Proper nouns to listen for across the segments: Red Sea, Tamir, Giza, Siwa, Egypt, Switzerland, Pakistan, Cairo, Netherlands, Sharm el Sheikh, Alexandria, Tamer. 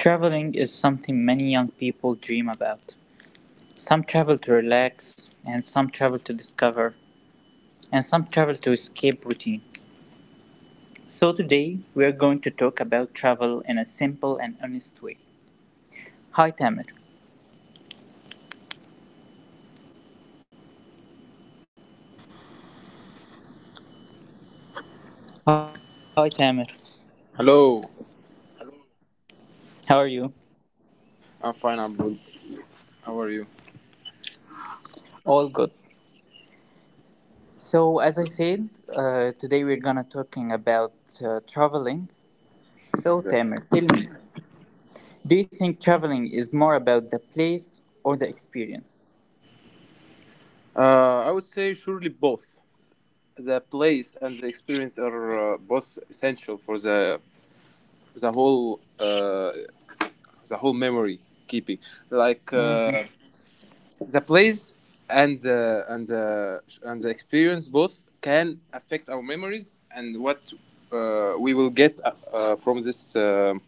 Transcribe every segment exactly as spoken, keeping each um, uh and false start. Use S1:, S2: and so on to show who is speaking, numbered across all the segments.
S1: Traveling is something many young people dream about. Some travel to relax, and some travel to discover, and some travel to escape routine. So today we are going to talk about travel in a simple and honest way. Hi Tamir. Hi Tamir.
S2: Hello,
S1: How are you?
S2: I'm fine, I'm good. How are you?
S1: All good. So as I said, uh, today we're gonna talking about uh, traveling. So
S2: Yeah.
S1: Tamir, tell me, do you think traveling is more about the place or the experience?
S2: Uh, I would say surely both. The place and the experience are uh, both essential for the the whole uh, the whole memory keeping. Like uh,
S1: Mhm.
S2: the place and the and the and the experience both can affect our memories and what uh, we will get uh, uh, from this um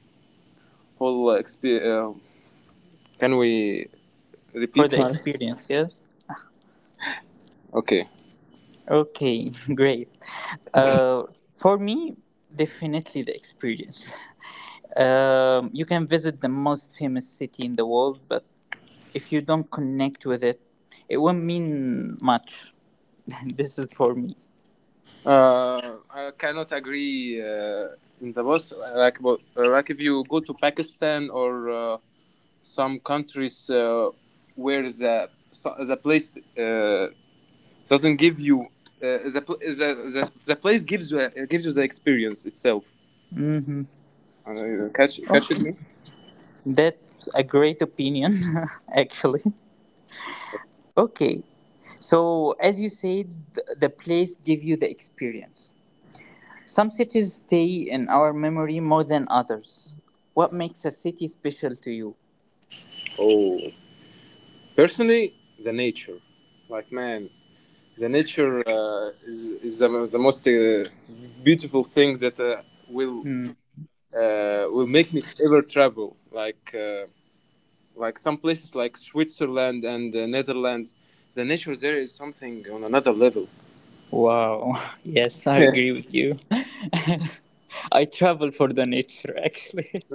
S2: whole experience. Uh, can we
S1: For
S2: repeat?
S1: the
S2: Nice.
S1: experience, yes.
S2: Okay.
S1: Okay, great. Uh, for me, definitely the experience. Um, you can visit the most famous city in the world, but if you don't connect with it, it won't mean much. This is for me.
S2: Uh, I cannot agree uh, in the boss. Like, but uh, like if you go to Pakistan or uh, some countries uh, where the so- the place uh, doesn't give you uh, the, pl- the, the the place gives you uh, gives you the experience itself. Uh, catch catch it me.
S1: That's a great opinion, actually. Okay, so as you said, th- the place give you the experience. Some cities stay in our memory more than others. What makes a city special to you?
S2: Oh, personally, the nature, like man, the nature uh, is is the, the most uh, beautiful thing that uh,
S1: Hmm.
S2: will uh, will make me ever travel. Like uh, like some places like Switzerland and the Netherlands, the nature there is something on another level.
S1: Wow. Yes, I agree
S2: Yes,
S1: with you. I travel for the nature, actually.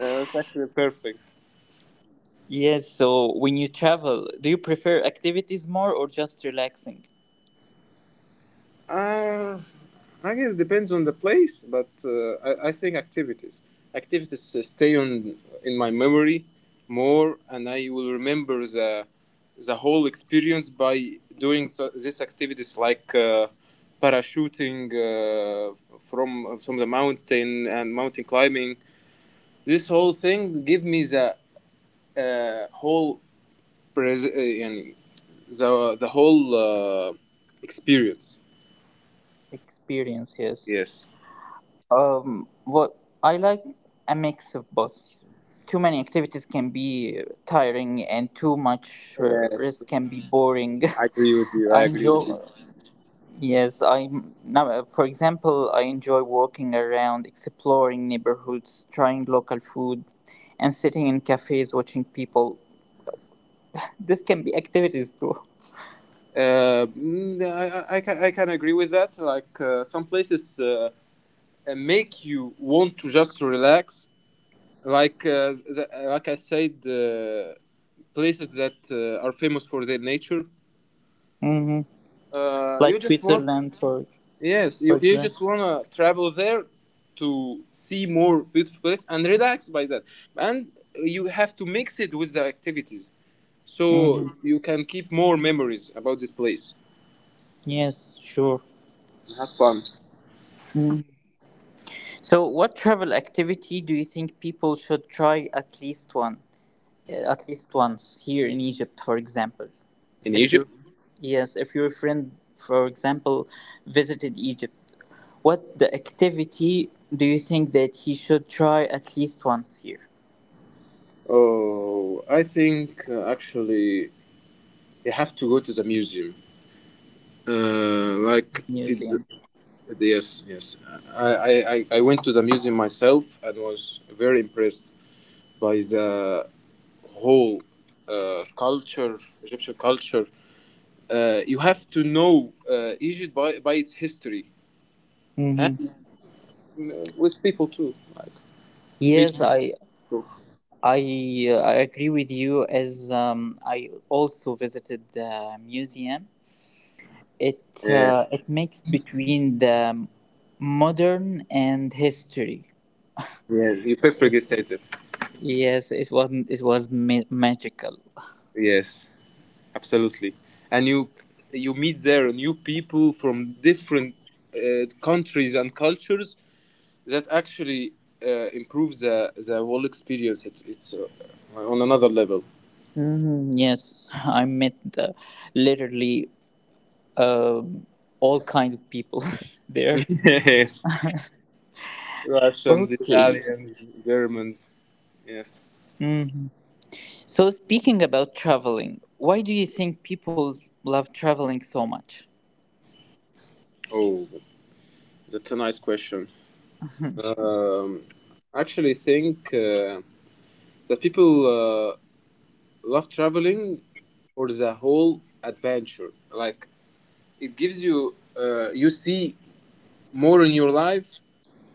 S2: uh, that's actually perfect.
S1: Yes, so when you travel, do you prefer activities more or just relaxing?
S2: Uh, I guess depends on the place, but uh, I, I think activities. Activities uh, stay on in my memory more, and I will remember the the whole experience by doing so, these activities like uh, parachuting uh, from from the mountain and mountain climbing. This whole thing give me the uh, whole pres- uh, and the the whole uh, experience.
S1: Experience, yes.
S2: Yes.
S1: Um, what I like a mix of both. Too many activities can be tiring, and too much uh,
S2: Yes.
S1: rest can be boring.
S2: I agree with you.
S1: I
S2: I agree with you.
S1: enjoy. Yes, I now, uh, for example, I enjoy walking around, exploring neighborhoods, trying local food, and sitting in cafes watching people. This can be activities too.
S2: Uh, mm, I, I, can I can agree with that. Like uh, some places uh, uh, make you want to just relax. Like uh, the, like I said, uh, places that uh, are famous for their nature.
S1: Hmm
S2: Uh, you
S1: Like
S2: just want
S1: Switzerland, for
S2: yes, you,
S1: for
S2: you just
S1: example.
S2: wanna travel there to see more beautiful place and relax by that. And you have to mix it with the activities so
S1: Hmm
S2: you can keep more memories about this place.
S1: Yes, sure.
S2: Have fun
S1: Mhm. So, what travel activity do you think people should try at least once? uh, at least once here in Egypt, for example.
S2: in
S1: If
S2: Egypt?
S1: your Yes, if your friend, for example, visited Egypt, what the activity do you think that he should try at least once here
S2: Oh, I think uh, actually you have to go to the museum uh, like
S1: in
S2: it's
S1: museum?
S2: Yes, yes. I, I i i went to the museum myself and was very impressed by the whole uh, culture, Egyptian culture. Uh, you have to know uh, Egypt by, by its history
S1: Mm-hmm.
S2: and uh, with people too, like meet
S1: Yes, I
S2: people.
S1: I uh, I agree with you. As um, I also visited the museum, it
S2: Yeah,
S1: uh, it makes between the modern and history.
S2: yes, you perfectly said it.
S1: Yes, it was it was ma- magical.
S2: Yes, absolutely. And you you meet there new people from different uh, countries and cultures that actually uh, improves the the whole experience. It, it's uh, on another level.
S1: Mm, yes, I met uh, literally um all kind of people there.
S2: Yes, Russians,
S1: Okay.
S2: Italians, Germans. Yes.
S1: hmm So speaking about traveling, why do you think people love traveling so much?
S2: Oh, that's a nice question. um I actually think uh, that people uh, love traveling for the whole adventure. Like, it gives you uh, you see more in your life,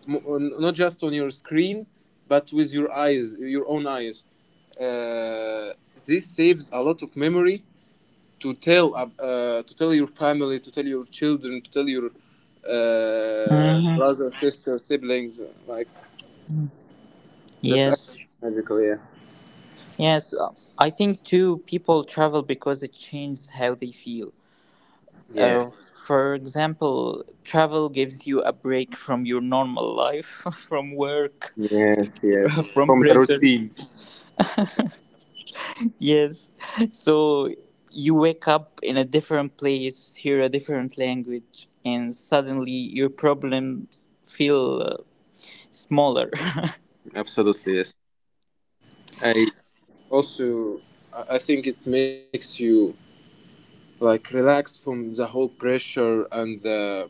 S2: not just on your screen, but with your eyes, your own eyes. Uh, this saves a lot of memory to tell uh, uh, to tell your family, to tell your children, to tell your uh,
S1: Hmm
S2: brother, sister, siblings. uh, Like that's
S1: Yes,
S2: magical. Yeah.
S1: yes. uh, I think too. People travel because it changes how they feel.
S2: Yes.
S1: Uh, for example, travel gives you a break from your normal life, from work,
S2: Yes. Yes.
S1: from
S2: From the
S1: pressure.
S2: routine.
S1: Yes. So you wake up in a different place, hear a different language, and suddenly your problems feel uh, smaller.
S2: Absolutely. Yes. I also I I think it makes you like relax from the whole pressure and the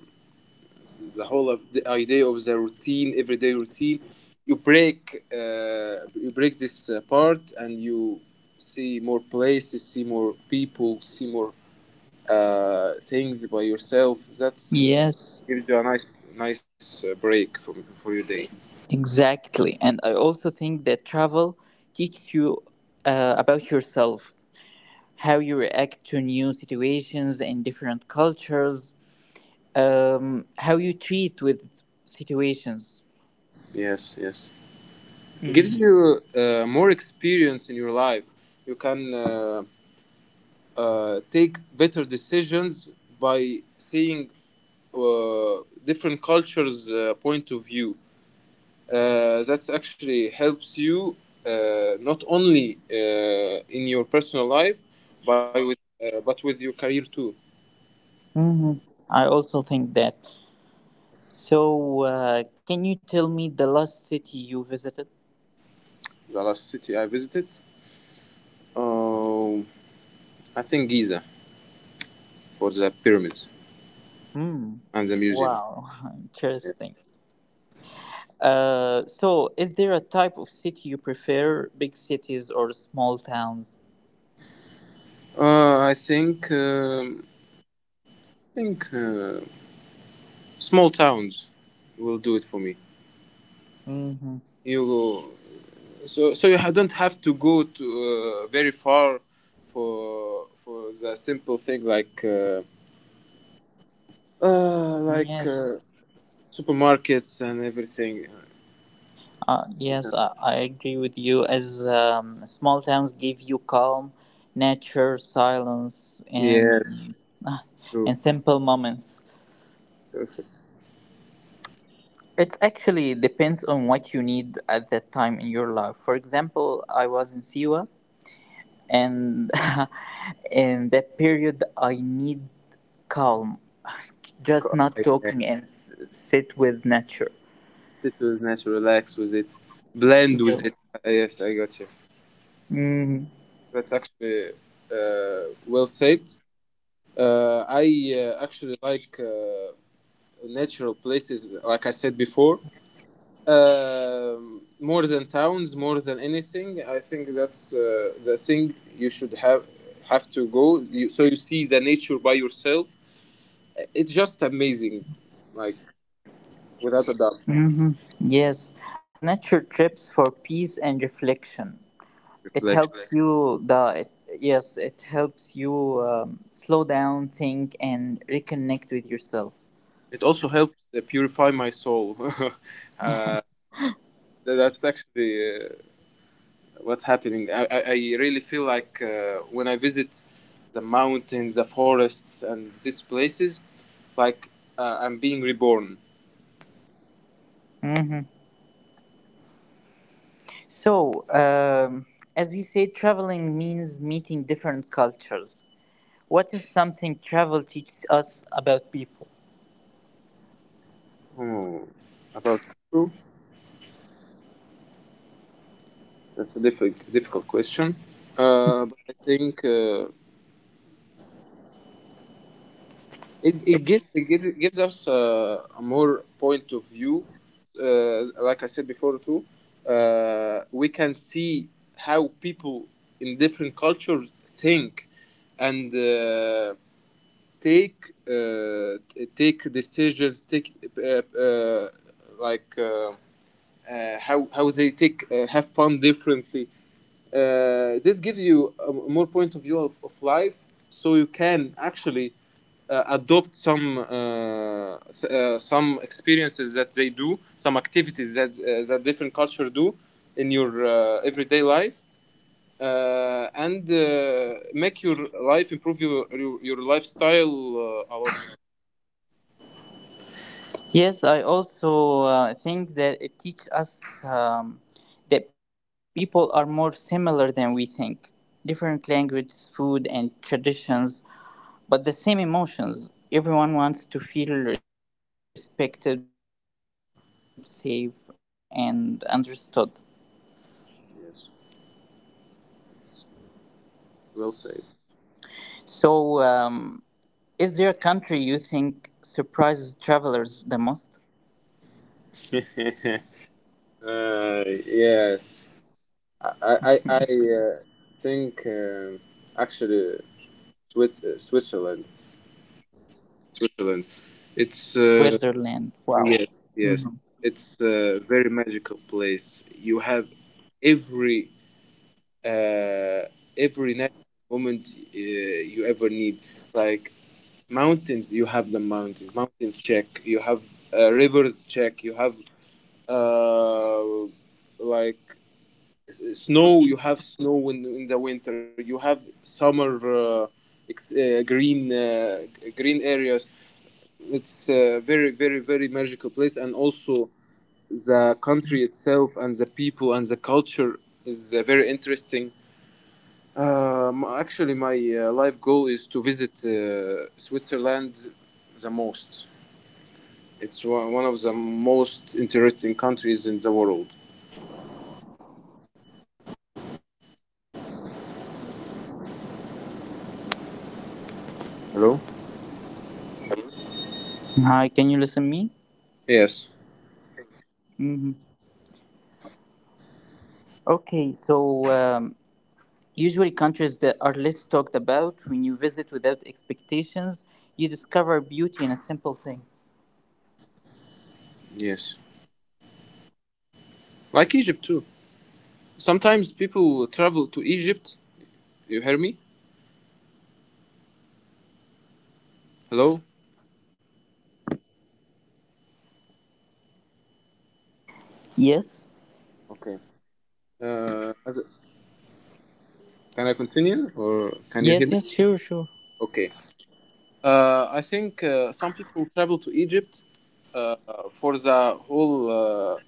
S2: the whole of the idea of the routine, everyday routine. You break, uh, you break this uh, part, and you see more places, see more people, see more uh, things by yourself. That's uh,
S1: Yes,
S2: gives you a nice, nice uh, break from for your day.
S1: exactly. And I also think that travel teaches you uh, about yourself, how you react to new situations and different cultures, um, how you treat with situations.
S2: Yes, yes. Gives
S1: Mhm.
S2: you uh, more experience in your life. You can uh, uh, take better decisions by seeing uh, different cultures' uh, point of view. Uh, that actually helps you uh, not only uh, in your personal life, by with, uh, but with your career too.
S1: Mhm. I also think that. So, uh, can you tell me the last city you visited?
S2: The last city I visited, um, I think Giza for the pyramids
S1: Hmm.
S2: and the museum.
S1: Wow,
S2: Yeah.
S1: interesting. Uh, so, is there a type of city you prefer, big cities or small towns?
S2: Uh, I think um, I think uh, small towns will do it for me.
S1: Mm-hmm.
S2: You so so you ha- don't have to go to uh, very far for for the simple thing like uh, uh like uh,
S1: Yes,
S2: supermarkets and everything.
S1: uh, yes, I, I agree with you. As um, small towns give you calm, nature, silence,
S2: Yes,
S1: and uh,
S2: true,
S1: and simple moments.
S2: perfect.
S1: It actually depends on what you need at that time in your life. For example, I was in Siwa, and in that period, I need calm, just
S2: Co-
S1: not
S2: I, uh,
S1: talking and s- sit with nature.
S2: Sit with nature, relax with it, blend with it. Uh, yes, I got you.
S1: Mm-hmm.
S2: That's actually uh, well said. Uh, I uh, Actually like uh, natural places like I said before. Um, more than towns, more than anything, I think that's uh, the thing you should have have to go. You, so you see the nature by yourself. It's just amazing, like, without a doubt.
S1: hmm Yes, as nature trips for peace and reflection, it
S2: Reflection.
S1: helps. Right. you. The it, yes, it helps you um, slow down, think, and reconnect with yourself.
S2: It also helps uh, purify my soul. That- that's actually uh, what's happening. I, I, I really feel like uh, when I visit the mountains, the forests, and these places, like, uh, I'm being reborn.
S1: Mhm. So, um, as we say, traveling means meeting different cultures. What is something travel teaches us about people?
S2: Oh, about you? That's a difficult difficult question. Uh, but I think uh, it it gives it gives, it gives us uh, a more point of view. Uh, like I said before too, uh, we can see how people in different cultures think and uh, take uh, t- take decisions, take uh, uh, like. Uh, uh, how how they take uh, have fun differently. Uh, this gives you a more point of view of, of life, so you can actually uh, adopt some uh, s- uh, some experiences that they do, some activities that uh, that different culture do in your uh, everyday life, uh, and uh, make your life improve your your, your lifestyle uh, a lot. Yes, well said. Uh, yes. I I I uh, think um actually Swiss, uh, Switzerland, Switzerland. It's uh, yes, yes, it's a very magical place. You have every uh, every natural moment uh, you ever need, like mountains. You have the mountains, mountain check. You have uh, rivers, check. You have uh, like snow. You have snow in, in the winter, you have summer, uh, ex- uh, green, uh, g- green areas. It's a very, very, very magical place, and also the country itself and the people and the culture is uh, very interesting. Um, actually my uh, life goal is to visit uh, Switzerland the most. It's one one of the most interesting countries in the world. Hello?
S3: Hi, can you listen me?
S2: Yes,
S3: Hmm. Okay, so um, usually countries that are less talked about when you visit without expectations, you discover beauty in a simple thing.
S2: yes, like Egypt too. Sometimes people travel to Egypt. You hear me? Hello?
S3: Yes.
S2: Okay. Uh, as can I continue, or can you
S3: Yes.
S2: hear me?
S3: Yes. Sure. Sure.
S2: Okay. Uh, I think uh, some people travel to Egypt uh, for the whole uh,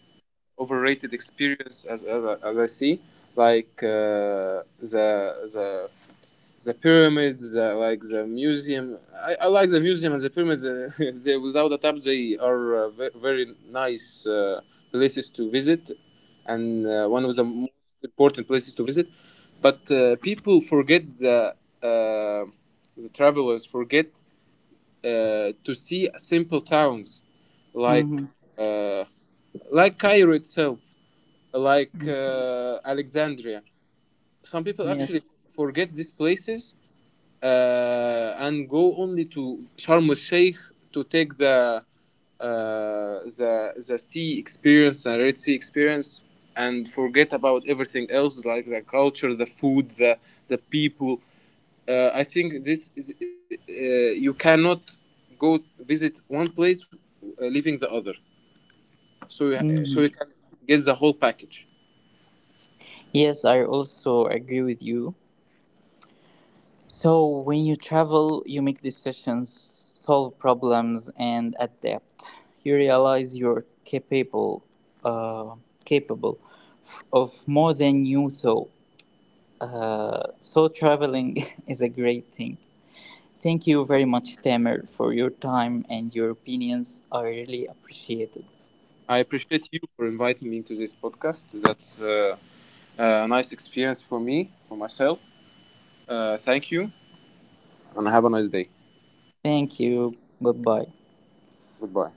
S2: overrated experience as as, I- as I see, like uh, the the the pyramids, the, like the museum. I, I like the museum and the pyramids. Uh, they, without a doubt, they are uh, very, very nice uh, places to visit, and uh, one of the most important places to visit. But uh, people forget the uh, the travelers forget uh, to see simple towns like
S3: Mm-hmm.
S2: uh, like Cairo itself, like uh, Alexandria. Some people actually
S3: Yes.
S2: forget these places uh, and go only to Sharm el Sheikh to take the uh, the the sea experience and Red Sea experience, and forget about everything else, like the culture, the food, the the people. Uh, I think this is uh, you cannot go visit one place uh, leaving the other. So you, so you
S3: Mm-hmm.
S2: can get the whole package.
S3: Yes, I also agree with you. So when you travel, you make decisions, solve problems, and adapt. You realize you're capable, uh, capable f- of more than you thought. Uh, so traveling is a great thing. Thank you very much, Tamer, for your time and your opinions are really appreciated.
S2: I appreciate you for inviting me to this podcast. That's uh, a nice experience for me, for myself. Uh, thank you, and have a nice day.
S3: Thank you. Goodbye.
S2: Goodbye.